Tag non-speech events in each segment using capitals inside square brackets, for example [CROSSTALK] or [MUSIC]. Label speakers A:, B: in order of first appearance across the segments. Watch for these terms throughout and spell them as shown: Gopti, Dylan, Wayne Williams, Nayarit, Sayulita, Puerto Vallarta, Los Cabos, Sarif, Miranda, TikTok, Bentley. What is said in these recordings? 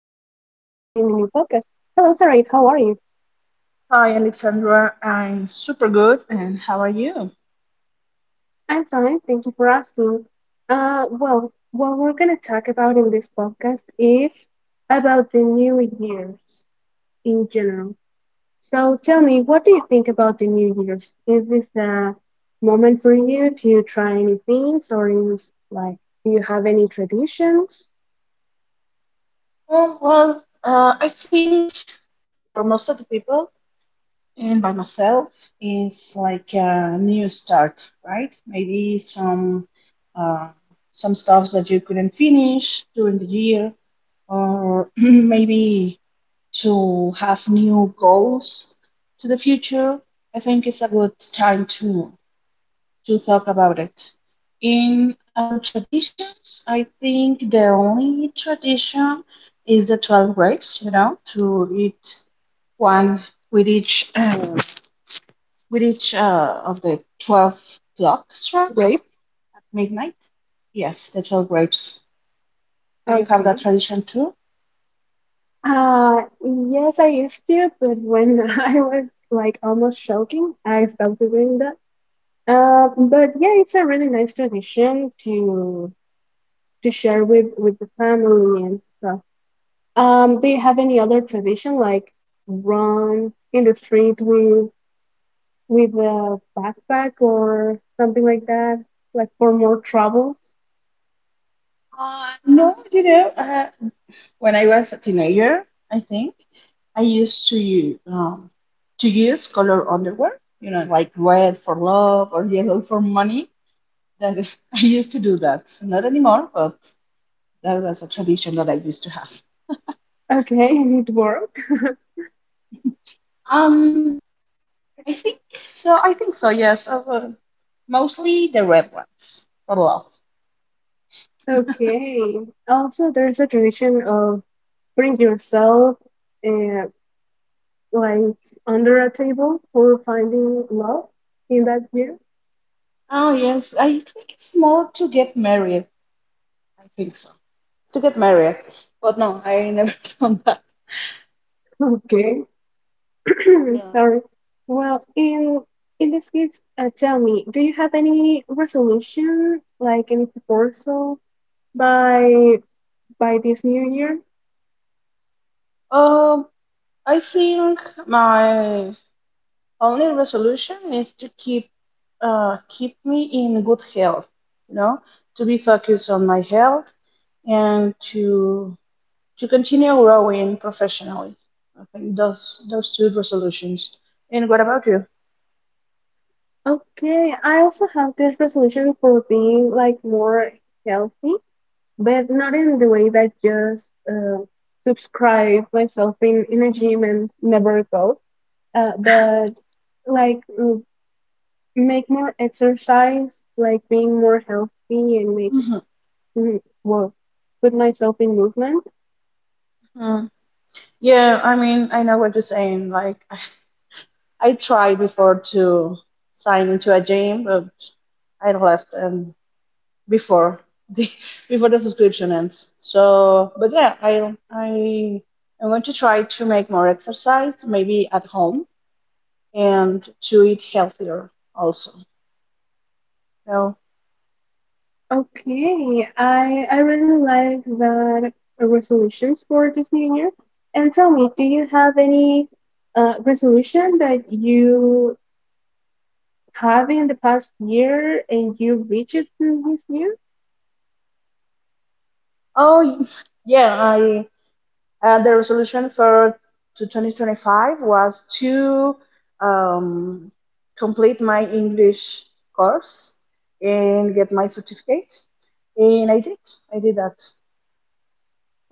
A: New podcast. Hello Sarif, how are you?
B: Hi, Alexandra. I'm super good. And how are you?
A: I'm fine, thank you for asking. Well, what we're gonna talk about in this podcast is about the New Year's in general. So tell me, what do you think about the New Year's? Is this a moment for you to try any things or is like, do you have any traditions?
B: Oh, well, I think for most of the people and by myself, is like a new start, right? Maybe some uh, some stuffs that you couldn't finish during the year, or [CLEARS THROAT] maybe to have new goals to the future. I think it's a good time to talk about it. In our traditions, I think the only tradition is the 12 grapes, you know, to eat one with each [CLEARS THROAT] with each of the 12 clock
A: Right?
B: strokes at midnight. Yes, the 12 grapes. Do you have
A: Okay.
B: that tradition too?
A: Yes, I used to, but when [LAUGHS] I was like almost choking, I stopped doing that. But yeah, it's a really nice tradition to share with the family and stuff. Do you have any other tradition like run in the street with a backpack or something like that, like for more troubles?
B: No, you know. When I was a teenager, I think I used to to use color underwear, you know, like red for love or yellow for money. That is, [LAUGHS] I used to do that. Not anymore, but that was a tradition that I used to have.
A: Okay, [LAUGHS] it worked.
B: Um, I think so. I think so. Yes, mostly the red ones for love.
A: Okay. Also, there's a tradition of bring yourself. uh, like under a table for finding love in that year.
B: Oh yes, I think it's more to get married. I think so. To get married, but no, I never [LAUGHS] done that.
A: [LAUGHS] Okay, [COUGHS] [CLEARS THROAT]
B: Yeah.
A: sorry. Well, in this case, tell me, do you have any resolution, like any proposal by this new year?
B: Um. I think my only resolution is to keep keep me in good health, you know, to be focused on my health and to continue growing professionally. I think those two resolutions. And what about you?
A: Okay, I also have this resolution for being like more healthy, but not in the way that just subscribe myself in a gym and never go. But like make more exercise, like being more healthy and make
B: Mhm,
A: well, put myself in movement.
B: mhm. Yeah, I mean, I know what you're saying. Like, [LAUGHS] I tried before to sign into a gym, but I left. And before the [LAUGHS] before the subscription ends. So, but yeah, I I'm going to try to make more exercise, maybe at home, and to eat healthier also. So,
A: Okay, I really like that resolutions for this new year. And tell me, do you have any resolution that you have in the past year and you reached it in this year?
B: oh [LAUGHS] yeah, I the resolution for to 2025 was to um, complete my English course and get my certificate, and I did. I did that.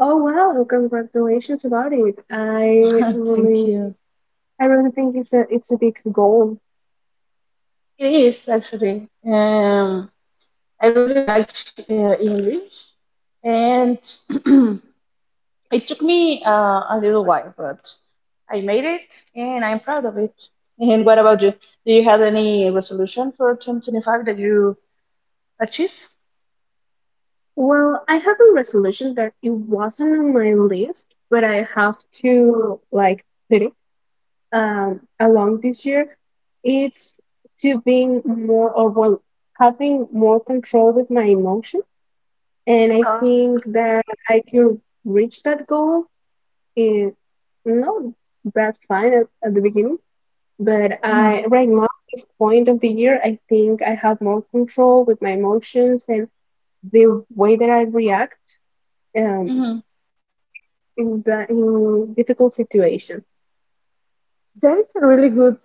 A: Oh wow, congratulations about it.
B: [LAUGHS] Thank you.
A: I really think it's a big goal.
B: It is actually. I really liked English, and [CLEARS THROAT] it took me a little while, but I made it, and I'm proud of it. And what about you? Do you have any resolution for 2025 that you achieve?
A: Well, I have a resolution that it wasn't on my list, but I have to like put it along this year. It's to being more or well, having more control with my emotions, and I
B: Oh,
A: think that I could reach that goal in not that fine at the beginning. But I right now in this point of the year, I think I have more control with my emotions and the way that I react, um,
B: mhm.
A: in the in difficult situations.
B: That's a really good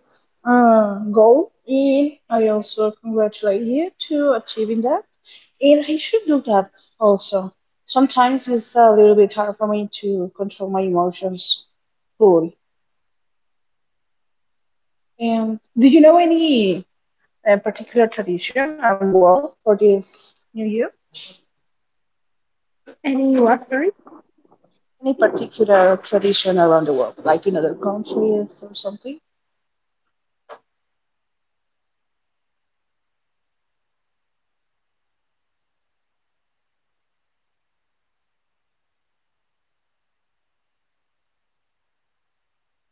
B: goal, and I also congratulate you to achieving that. And I should do that also. Sometimes it's a little bit hard for me to control my emotions fully. And do you know any particular tradition around the world for this New Year? Any particular tradition around the world, like in other countries or something?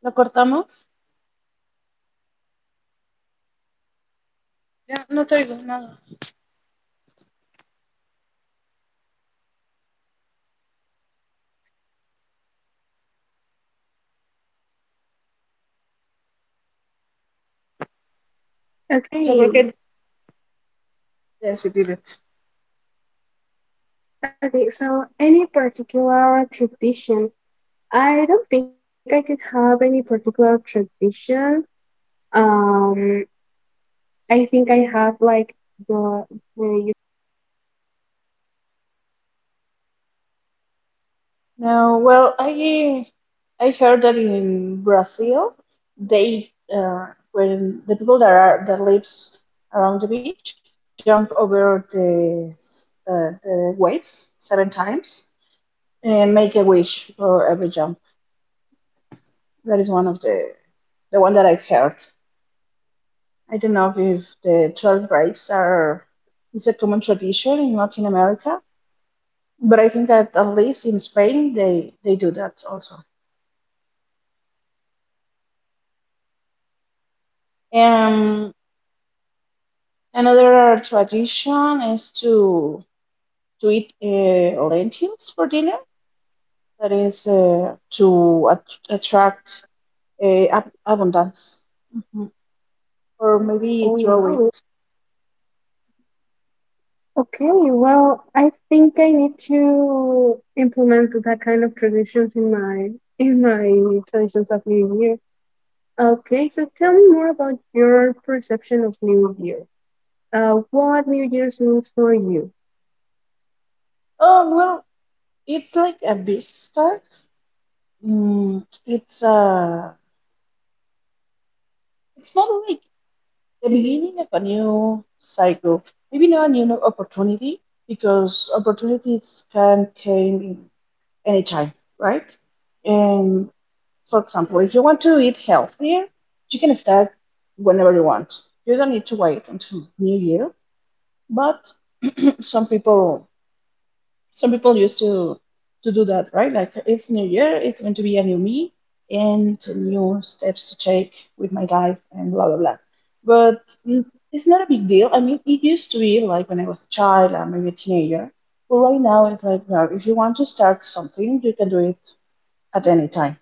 B: ¿Lo cortamos? Ya, no te oigo nada. O sea, ¿por qué?
A: Okay,
B: Ya, sí, dime.
A: okay, so any particular tradition? I don't think I could have any particular tradition. uh,
B: No, well, I heard that in Brazil, they when the people that are that lives around the beach jump over the waves 7 times and make a wish for every jump. That is one of the one that I've heard. I don't know if the 12 grapes are is a common tradition in Latin America, but I think that at least in Spain they do that also. Um, Another tradition is to eat lentils for dinner. That is to at attract ab abundance, mhm, or maybe
A: Oh
B: throw it.
A: wow. Okay, well, I think I need to implement that kind of traditions in my traditions of New Year. Okay, so tell me more about your perception of New Year's. What New Year's means for you?
B: Oh well, it's like a big start. Mm, it's uh, it's more like the beginning of a new cycle. Maybe not a new opportunity because opportunities can came in anytime, right? And for example, if you want to eat healthier, you can start whenever you want. You don't need to wait until New Year, but [CLEARS THROAT] some people some people used to do that, right? Like it's New Year, it's going to be a new me and new steps to take with my life and blah blah blah. But it's not a big deal. I mean, it used to be like when I was a child or maybe a teenager, but right now it's like, well, if you want to start something, you can do it at any time.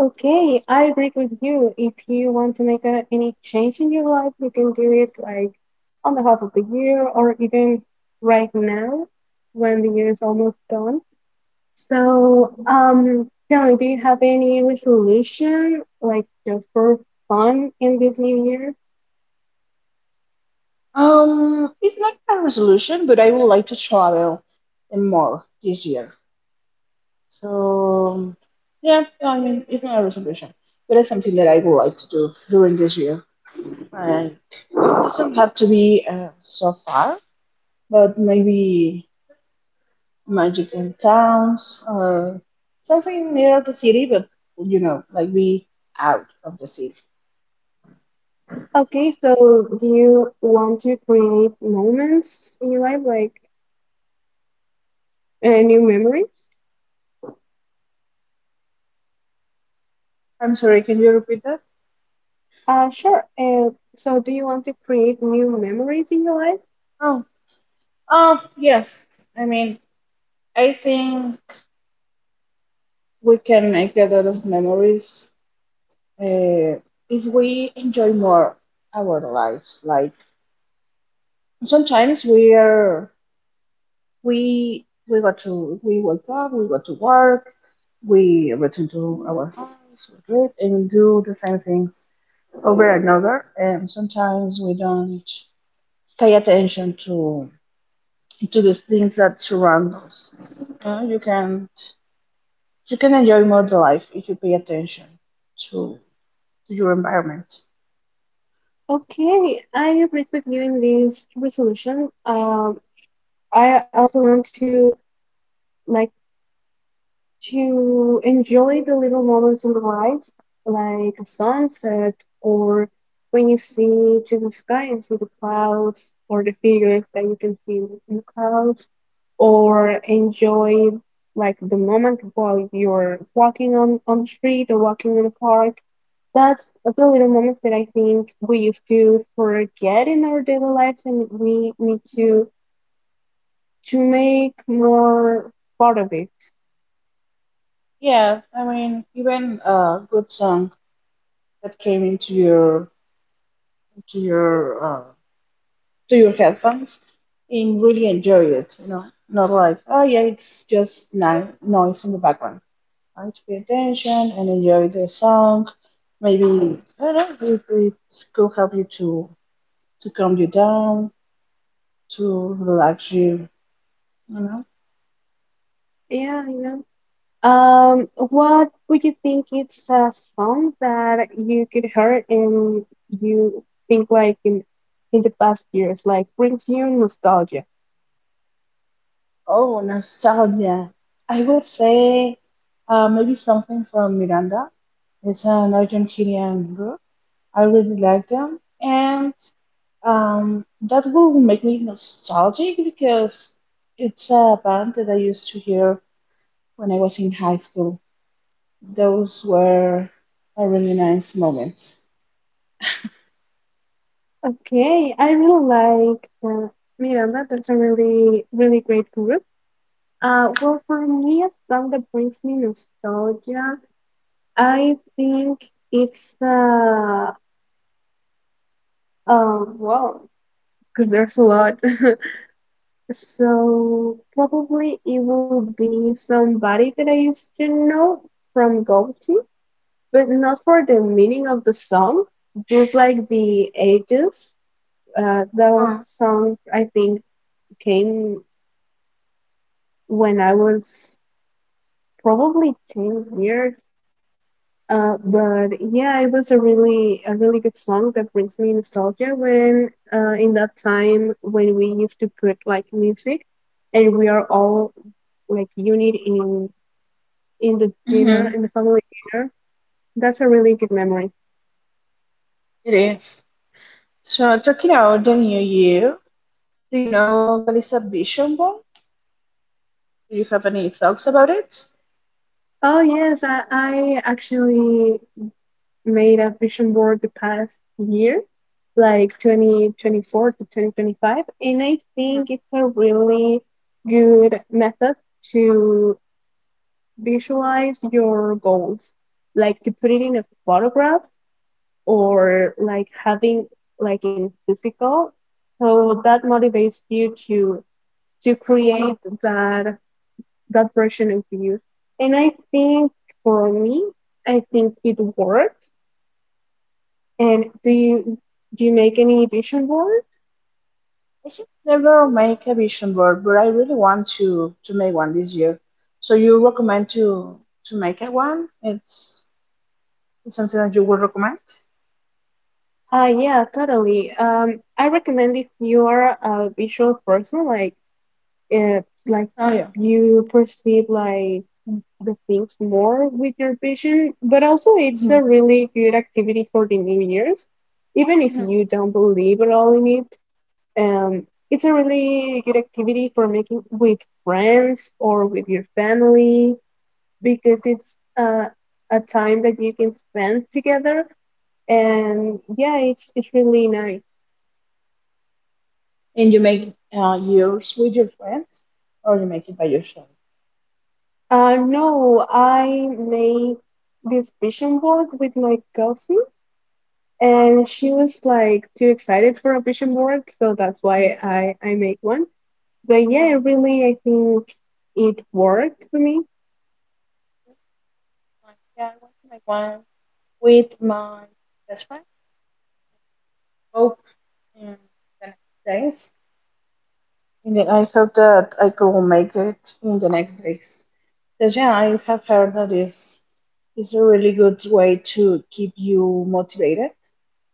A: Okay, I agree with you. If you want to make a, any change in your life, you can do it like on the half of the year or even right now when the year is almost done. So, Dylan, do you have any resolution, like just for fun in this new year?
B: It's not a resolution, but I would like to travel more this year. So, yeah, I mean, it's not a resolution, but it's something that I would like to do during this year. And it doesn't have to be so far, but maybe magic in towns or something near the city, but you know, like be out of the city.
A: Okay, so do you want to create moments in your life, like new memories?
B: I'm sorry, can you repeat that?
A: Sure. So do you want to create new memories in your life?
B: Oh, oh, yes. I mean, I think we can make a lot of memories uh, if we enjoy more our lives. Like sometimes we got to we wake up, we go to work, we return to our house, we read and do the same things over and over. And sometimes we don't pay attention to the things that surround us. Uh, you can you can enjoy more the life if you pay attention to to your environment.
A: Okay, I agree with you in this resolution. I also want to like to enjoy the little moments in the life, like a sunset, or when you see to the sky and see the clouds, or the figures that you can see in the clouds, or enjoy like the moment while you're walking on the street or walking in the park. That's the little moments that I think we used to forget in our daily lives, and we need to make more part of it.
B: Yeah, I mean, even a good song that came into your into your uh, to your headphones, and really enjoy it. You know, not like oh yeah, it's just ni noise in the background. Right? Pay attention and enjoy the song. Maybe I don't know if it could help you to calm you down, to relax you. You know.
A: Yeah, you know. What would you think it's a song that you could hear and you think like in the past years, like brings you nostalgia?
B: Oh, nostalgia. I would say maybe something from Miranda. It's an Argentinian group. I really like them, and that will make me nostalgic because it's a band that I used to hear when I was in high school. Those were a really nice moments.
A: Okay, I really like Miranda. That's a really really great group. Well, for me, a song that brings me nostalgia, I think it's wow, because there's a lot. [LAUGHS] So probably it would be somebody that I used to know from Gopti, but not for the meaning of the song, just like the ages. The song I think came when I was probably 10 years. But yeah, it was a really good song that brings me nostalgia when in that time when we used to put like music and we are all like unit in the dinner,
B: Mm-hmm.
A: in the family dinner. That's a really good memory.
B: It is. So, talking about the new year, do you know what is a vision board? Do you have any thoughts about it?
A: Oh yes, I actually made a vision board the past year, like 2024 to 2025, and I think it's a really good method to visualize your goals, like to put it in a photograph or like having like in physical. So that motivates you to create that that version of you. And I think for me, I think it worked. And do you make any vision boards?
B: I should never make a vision board, but I really want to make one this year. So you recommend to make a one? It's something that you would recommend?
A: Yeah, totally. I recommend if you are a visual person, like like
B: Oh yeah.
A: you perceive like the things more with your vision, but also it's
B: Hmm.
A: a really good activity for the New Year's, even if
B: Hmm.
A: you don't believe at all in it. It's a really good activity for making with friends or with your family because it's a time that you can spend together. And yeah, it's really nice.
B: And you make yours with your friends, or you make it by yourself?
A: No, I made this vision board with my cousin, and she was like too excited for a vision board, so that's why I make one. But
B: Mm,
A: yeah, really, I think it worked for me.
B: Yeah, I want to make one with my best friend. Hope in the next days. And I hope that I could make it in the next days. Because yeah, I have heard that is a really good way to keep you motivated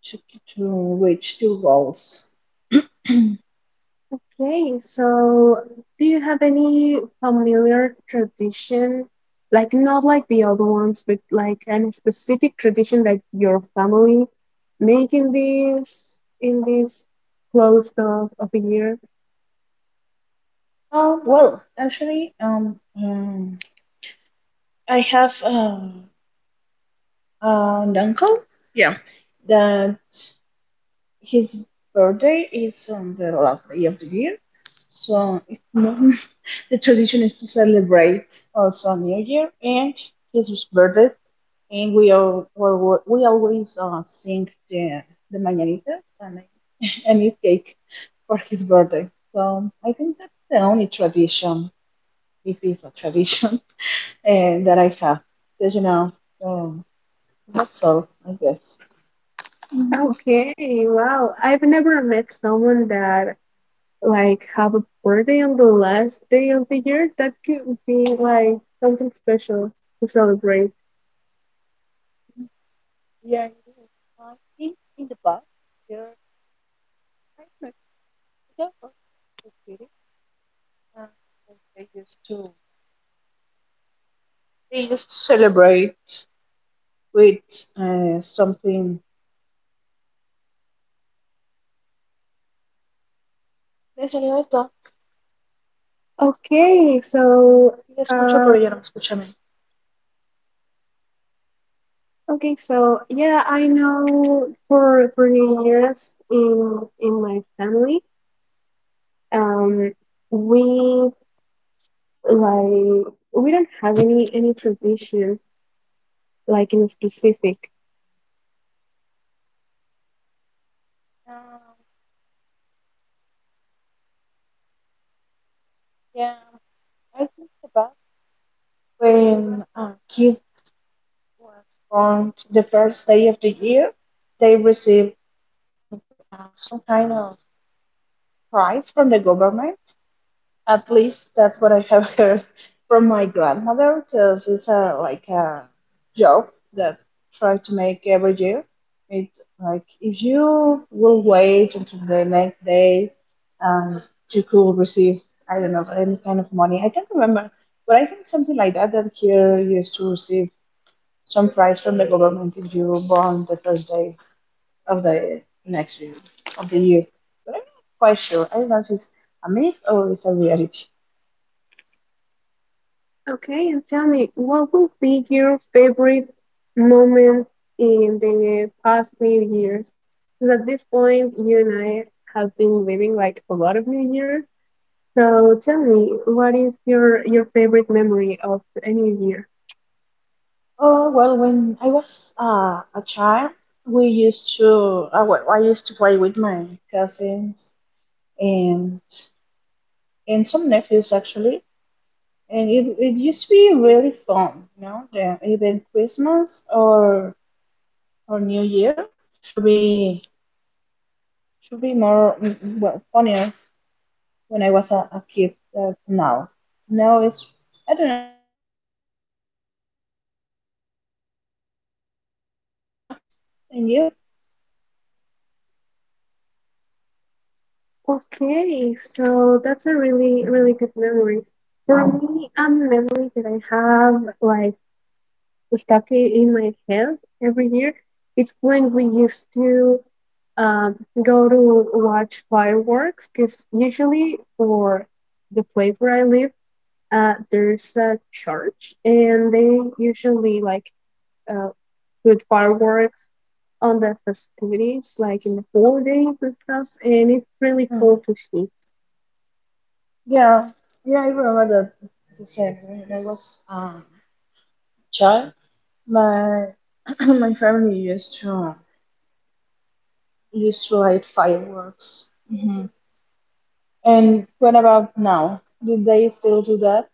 B: to to reach your goals.
A: Okay, so do you have any familiar tradition, like not like the other ones, but like any specific tradition that your family make in this close of a year?
B: Well, actually, I have an uncle, yeah, that his birthday is on the last day of the year, so it's not, [LAUGHS] the tradition is to celebrate also New Year and his birthday, and we all well, we always sing the mañanitas and [LAUGHS] and eat cake for his birthday. So I think that's the only tradition, if it's a tradition, [LAUGHS] and that I have. Because you know, um, that's all, I guess.
A: Okay, wow. I've never met someone that like have a birthday on the last day of the year. That could be like something special to celebrate.
B: Yeah, it is. I think in the past, there. I don't. Yeah, okay. Uh, they used to they used to celebrate with something. ليس لي قصدة.
A: Okay, so
B: هي escucho, pero ella no
A: um
B: me escucha a mí.
A: okay, so yeah, I know for New Year's in my family, um, we like we don't have any tradition like in specific.
B: Um, yeah, I think about when a kid was born the first day of the year, they receive any, some kind of prize from the government. At least that's what I have [LAUGHS] heard from my grandmother, because it's a like a joke that try to make every year. It like if you will wait until the next day, um, you could receive I don't know any kind of money. I can't remember, but I think something like that. That here you used to receive some prize from the government if you born the first day of the next year of the year. But I'm not quite sure. I don't know if it's a myth or it's a reality.
A: Okay, and tell me, what would be your favorite moment in the past New Year's? 'Cause at this point, you and I have been living like a lot of New Year's. So tell me, what is your favorite memory of any New year?
B: Oh, well, when I was a child, we used to, well, I used to play with my cousins and some nephews actually, and it used to be really fun, you know, even Christmas or New Year should be should be more funnier when I was a kid than now. Now it's I don't know, it's fun, but I enjoyed it more in the past. And you?
A: Okay, so that's a really, really good memory. For me, a memory that I have like stuck in my head every year, it's when we used to go to watch fireworks, because usually for the place where I live, there's a church, and they usually like uh, put fireworks on the festivities, like in the holidays and stuff, and it's really
B: Mm-hmm.
A: cool to see.
B: Yeah, yeah, I remember that he said when I was child, my [CLEARS THROAT] my family used to used to light fireworks. Hmm. And what about now? Do they still do that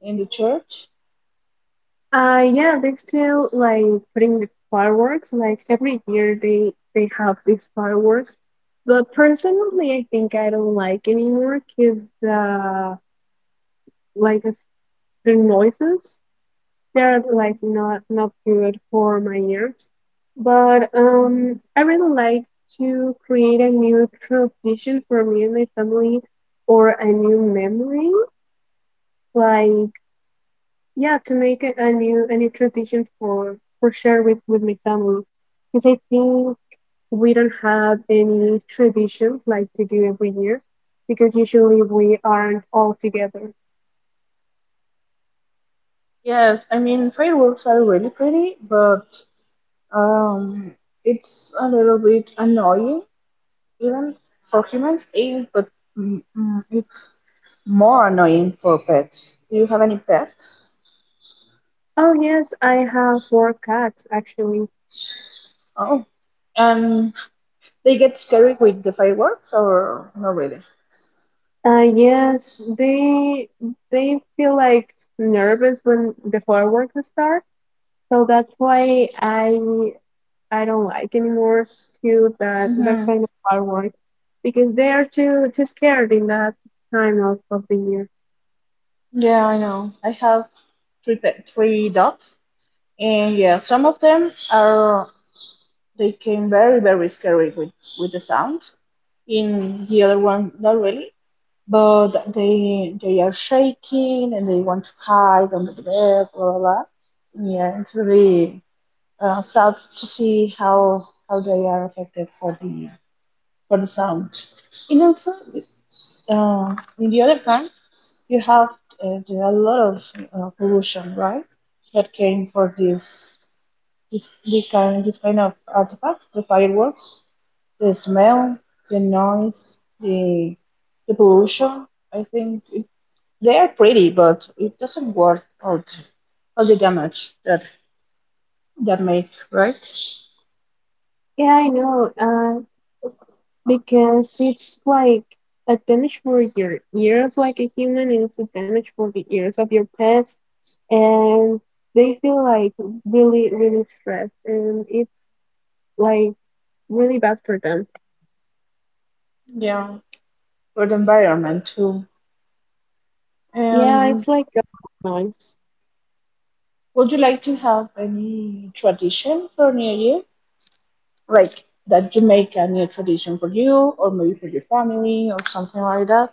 B: in the church?
A: Yeah, they still like putting the fireworks. Like every year, they have these fireworks. But personally, I think I don't like anymore because uh, like it's, the noises they're like not not good for my ears. But I really like to create a new tradition for me and my family or a new memory. Like yeah, to make it a new tradition for share with my family, because I think we don't have any tradition like to do every year, because usually we aren't all together.
B: Yes, I mean fireworks are really pretty, but um, it's a little bit annoying even for humans, eh, but it's more annoying for pets. Do you have any pet?
A: Oh yes, I have four cats actually.
B: Oh, and they get scary with the fireworks or not really?
A: Yes, they feel like nervous when the fireworks start, so that's why I don't like anymore to that that
B: Mm-hmm.
A: kind of fireworks because they are too too scared in that time of the year.
B: Yeah, I know. I have three pet, three dogs, and yeah, some of them are they came very scary with the sound. In the other one, not really, but they are shaking and they want to hide under the bed, blah blah blah. Yeah, it's really sad to see how they are affected for the sound. And also, in the other hand, you have there are a lot of pollution, right? That came for this kind of artifacts, the fireworks, the smell, the noise, the pollution. I think it, they are pretty, but it doesn't worth out all the damage that makes, right?
A: Yeah, I know. Because it's like a damage for your ears, like a human, and it's a damage for the ears of your pets, and they feel like really really stressed, and it's like really bad for them.
B: Yeah, for the environment too.
A: Yeah, it's
B: And.
A: like a lot of noise.
B: Would you like to have any tradition for New Year? Like that you make a new tradition for you or maybe for your family or something like that?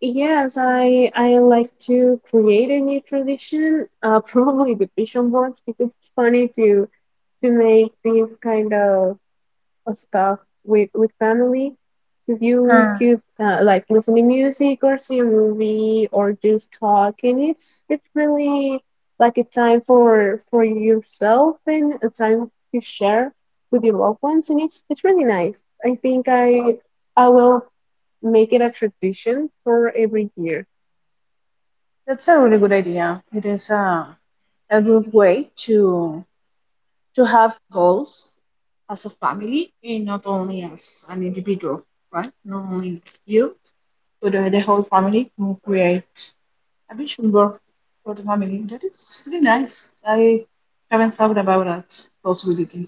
A: Yes, I like to create a new tradition, [LAUGHS] probably the vision boards because it's funny to make these kind of stuff with family. Because you
B: Uh,
A: could like listen to music or see a movie or just talk, and it's really like a time for yourself and a time to share with your loved ones, and it's really nice. I think I will make it a tradition for every year.
B: that's a really good idea. It is a good way to have goals as a family and not only as an individual, right? Not only you, but the whole family can create a vision board for the family. That is really nice. I haven't thought about that possibility.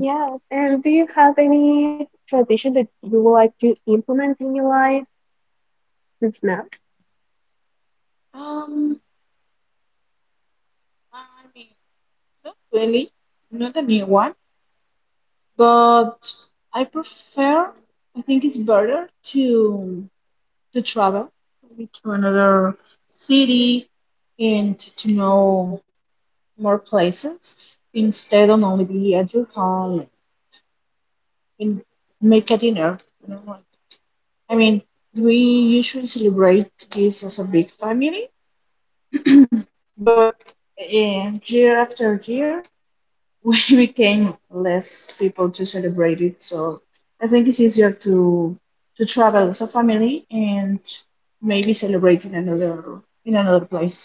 A: Yes, and do you have any tradition that you would like to implement in your life? If not,
B: Um, I mean, not really, not a new one, but I prefer, I think it's better to travel maybe to another city and to know more places instead of only be at your home and make a dinner. You know? I mean, we usually celebrate this as a big family, but eh, year after year. [LAUGHS] We became less people to celebrate it. So I think it's easier to travel as a family and maybe celebrate in another place.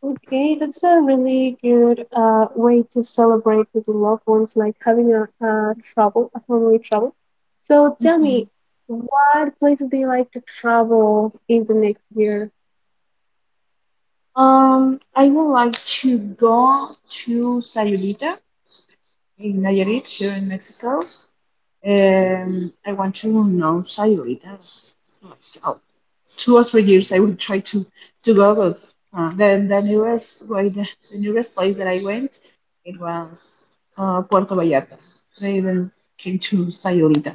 A: okay, that's a really good way to celebrate with your loved ones, like having a travel, a family travel. So tell me, what places do you like to travel in the next year?
B: I would like to go to Sayulita in Nayarit here in Mexico. I want to know Sayuritas myself. Two or three years I would try to go, but then the newest way the nearest place that I went it was Puerto Vallarta. They then came to Sayurita,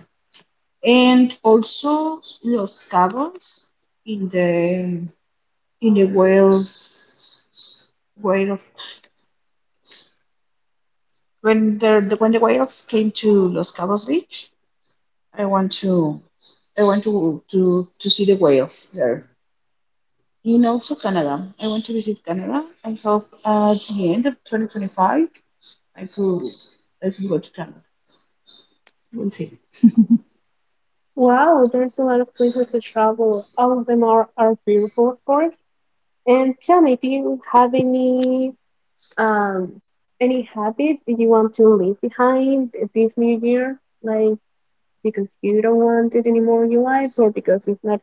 B: and also Los Cabos in the in the Wales Wales when the whales came to Los Cabos Beach. I want to see the whales there. And also Canada. I want to visit Canada. I hope at the end of 2025 I could I could go to Canada. We'll see.
A: Wow, there's a lot of places to travel. All of them are beautiful, of course. And tell me, do you have Um, any habit do you want to leave behind this new year? Like because you don't want it anymore in your life, or because it's not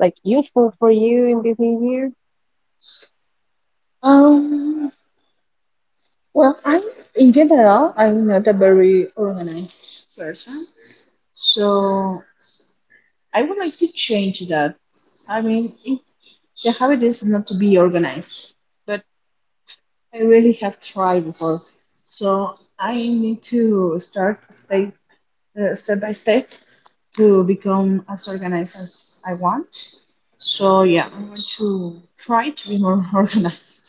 A: like useful for you in this new year?
B: Um. Well, I in general I'm not a very organized person, so I would like to change that. I mean, it, the habit is not to be organized, but. I really have tried before, so I need to start step by step to become as organized as I want. So yeah, I want to try to be more [LAUGHS] organized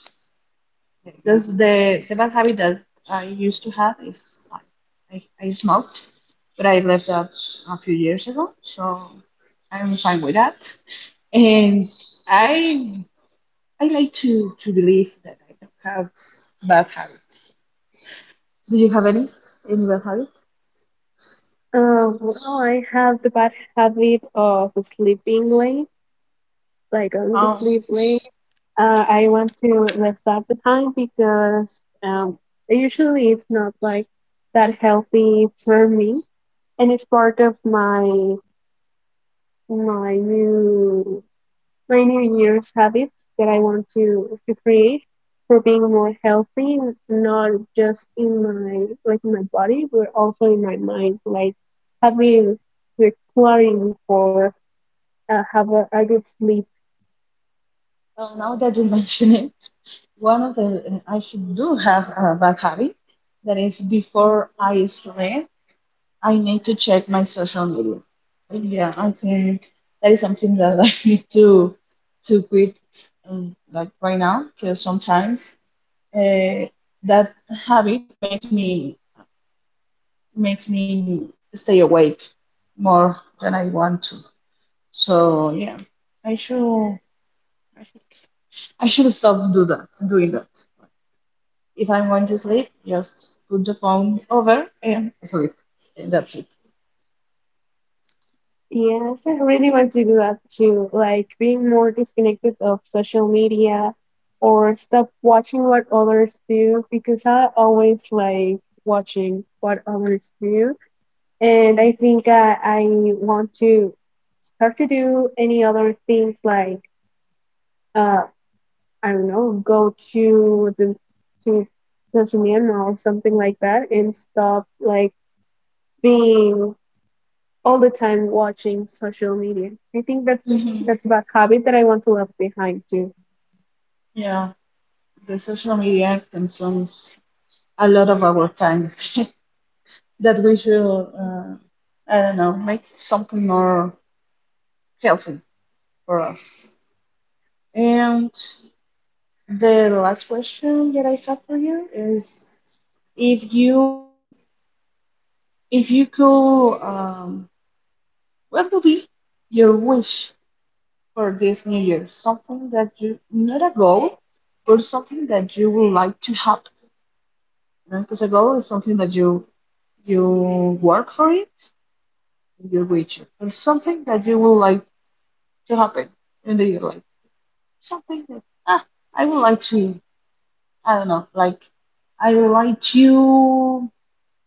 B: because the bad habit that I used to have is I smoked, but I left that a few years ago, so I'm fine with that. And I I like to believe that I don't have bad habits. Do you have any bad habit?
A: Well, I have the bad habit of sleeping late. Like I would
B: Um,
A: sleep late. I want to leave that behind because usually it's not like that healthy for me, and it's part of my my new my new year's habits that I want to create for being more healthy, not just in my like in my body, but also in my mind. Like having like quarrying for have a good sleep.
B: well, now that you [LAUGHS] mention it, one of the I should do have a bad habit. That is, before I sleep, I need to check my social media. Yeah, I think that is something that I [LAUGHS] need to quit like right now because sometimes uh, that habit makes me stay awake more than I want to. So yeah, I should I should I should stop doing that. If I'm going to sleep, just put the phone over and sleep. And that's it.
A: Yes, I really want to do that too. Like being more disconnected of social media or stop watching what others do because I always like watching what others do. And I think I want to start to do any other things like uh I don't know, go to the cinema or something like that and stop like being all the time watching social media. I think
B: Hmm
A: that's a bad habit that I want to left behind too.
B: Yeah, the social media consumes a lot of our time [LAUGHS] that we should, I don't know, make something more healthy for us. And the last question that I have for you is if you if you could what would be your wish for this new year? Something that you, not a goal, but something that you would like to happen. Because a goal is something that you work for it and you reach it. Or something that you would like to happen in the year, like something that I would like to, I don't know, like I would like to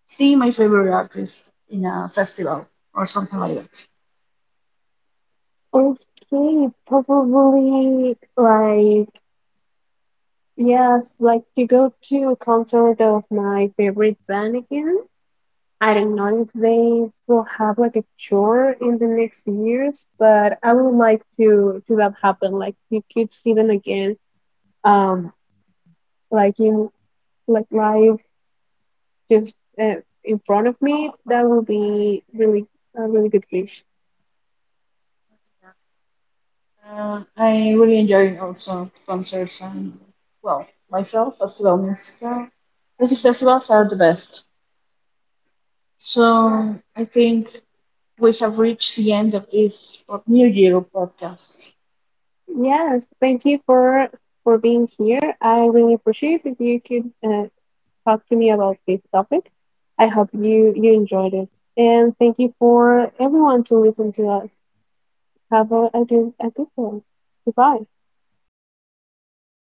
B: see my favorite artist in a festival or something like that.
A: Okay, probably like yes, like to go to a concert of my favorite band again. I don't know if they will have like a tour in the next years, but I would like to that happen. Like you could see them again, um, like in like live, just uh, in front of me. That would be really a really good wish.
B: I really enjoy also concerts and well myself as well musical. Music festivals are the best. So I think we have reached the end of this New Year podcast.
A: Yes, thank you for being here. I really appreciate that you could talk to me about this topic. I hope you you enjoyed it, and thank you for everyone to listen to us. Have a good one. Goodbye.
B: Bye.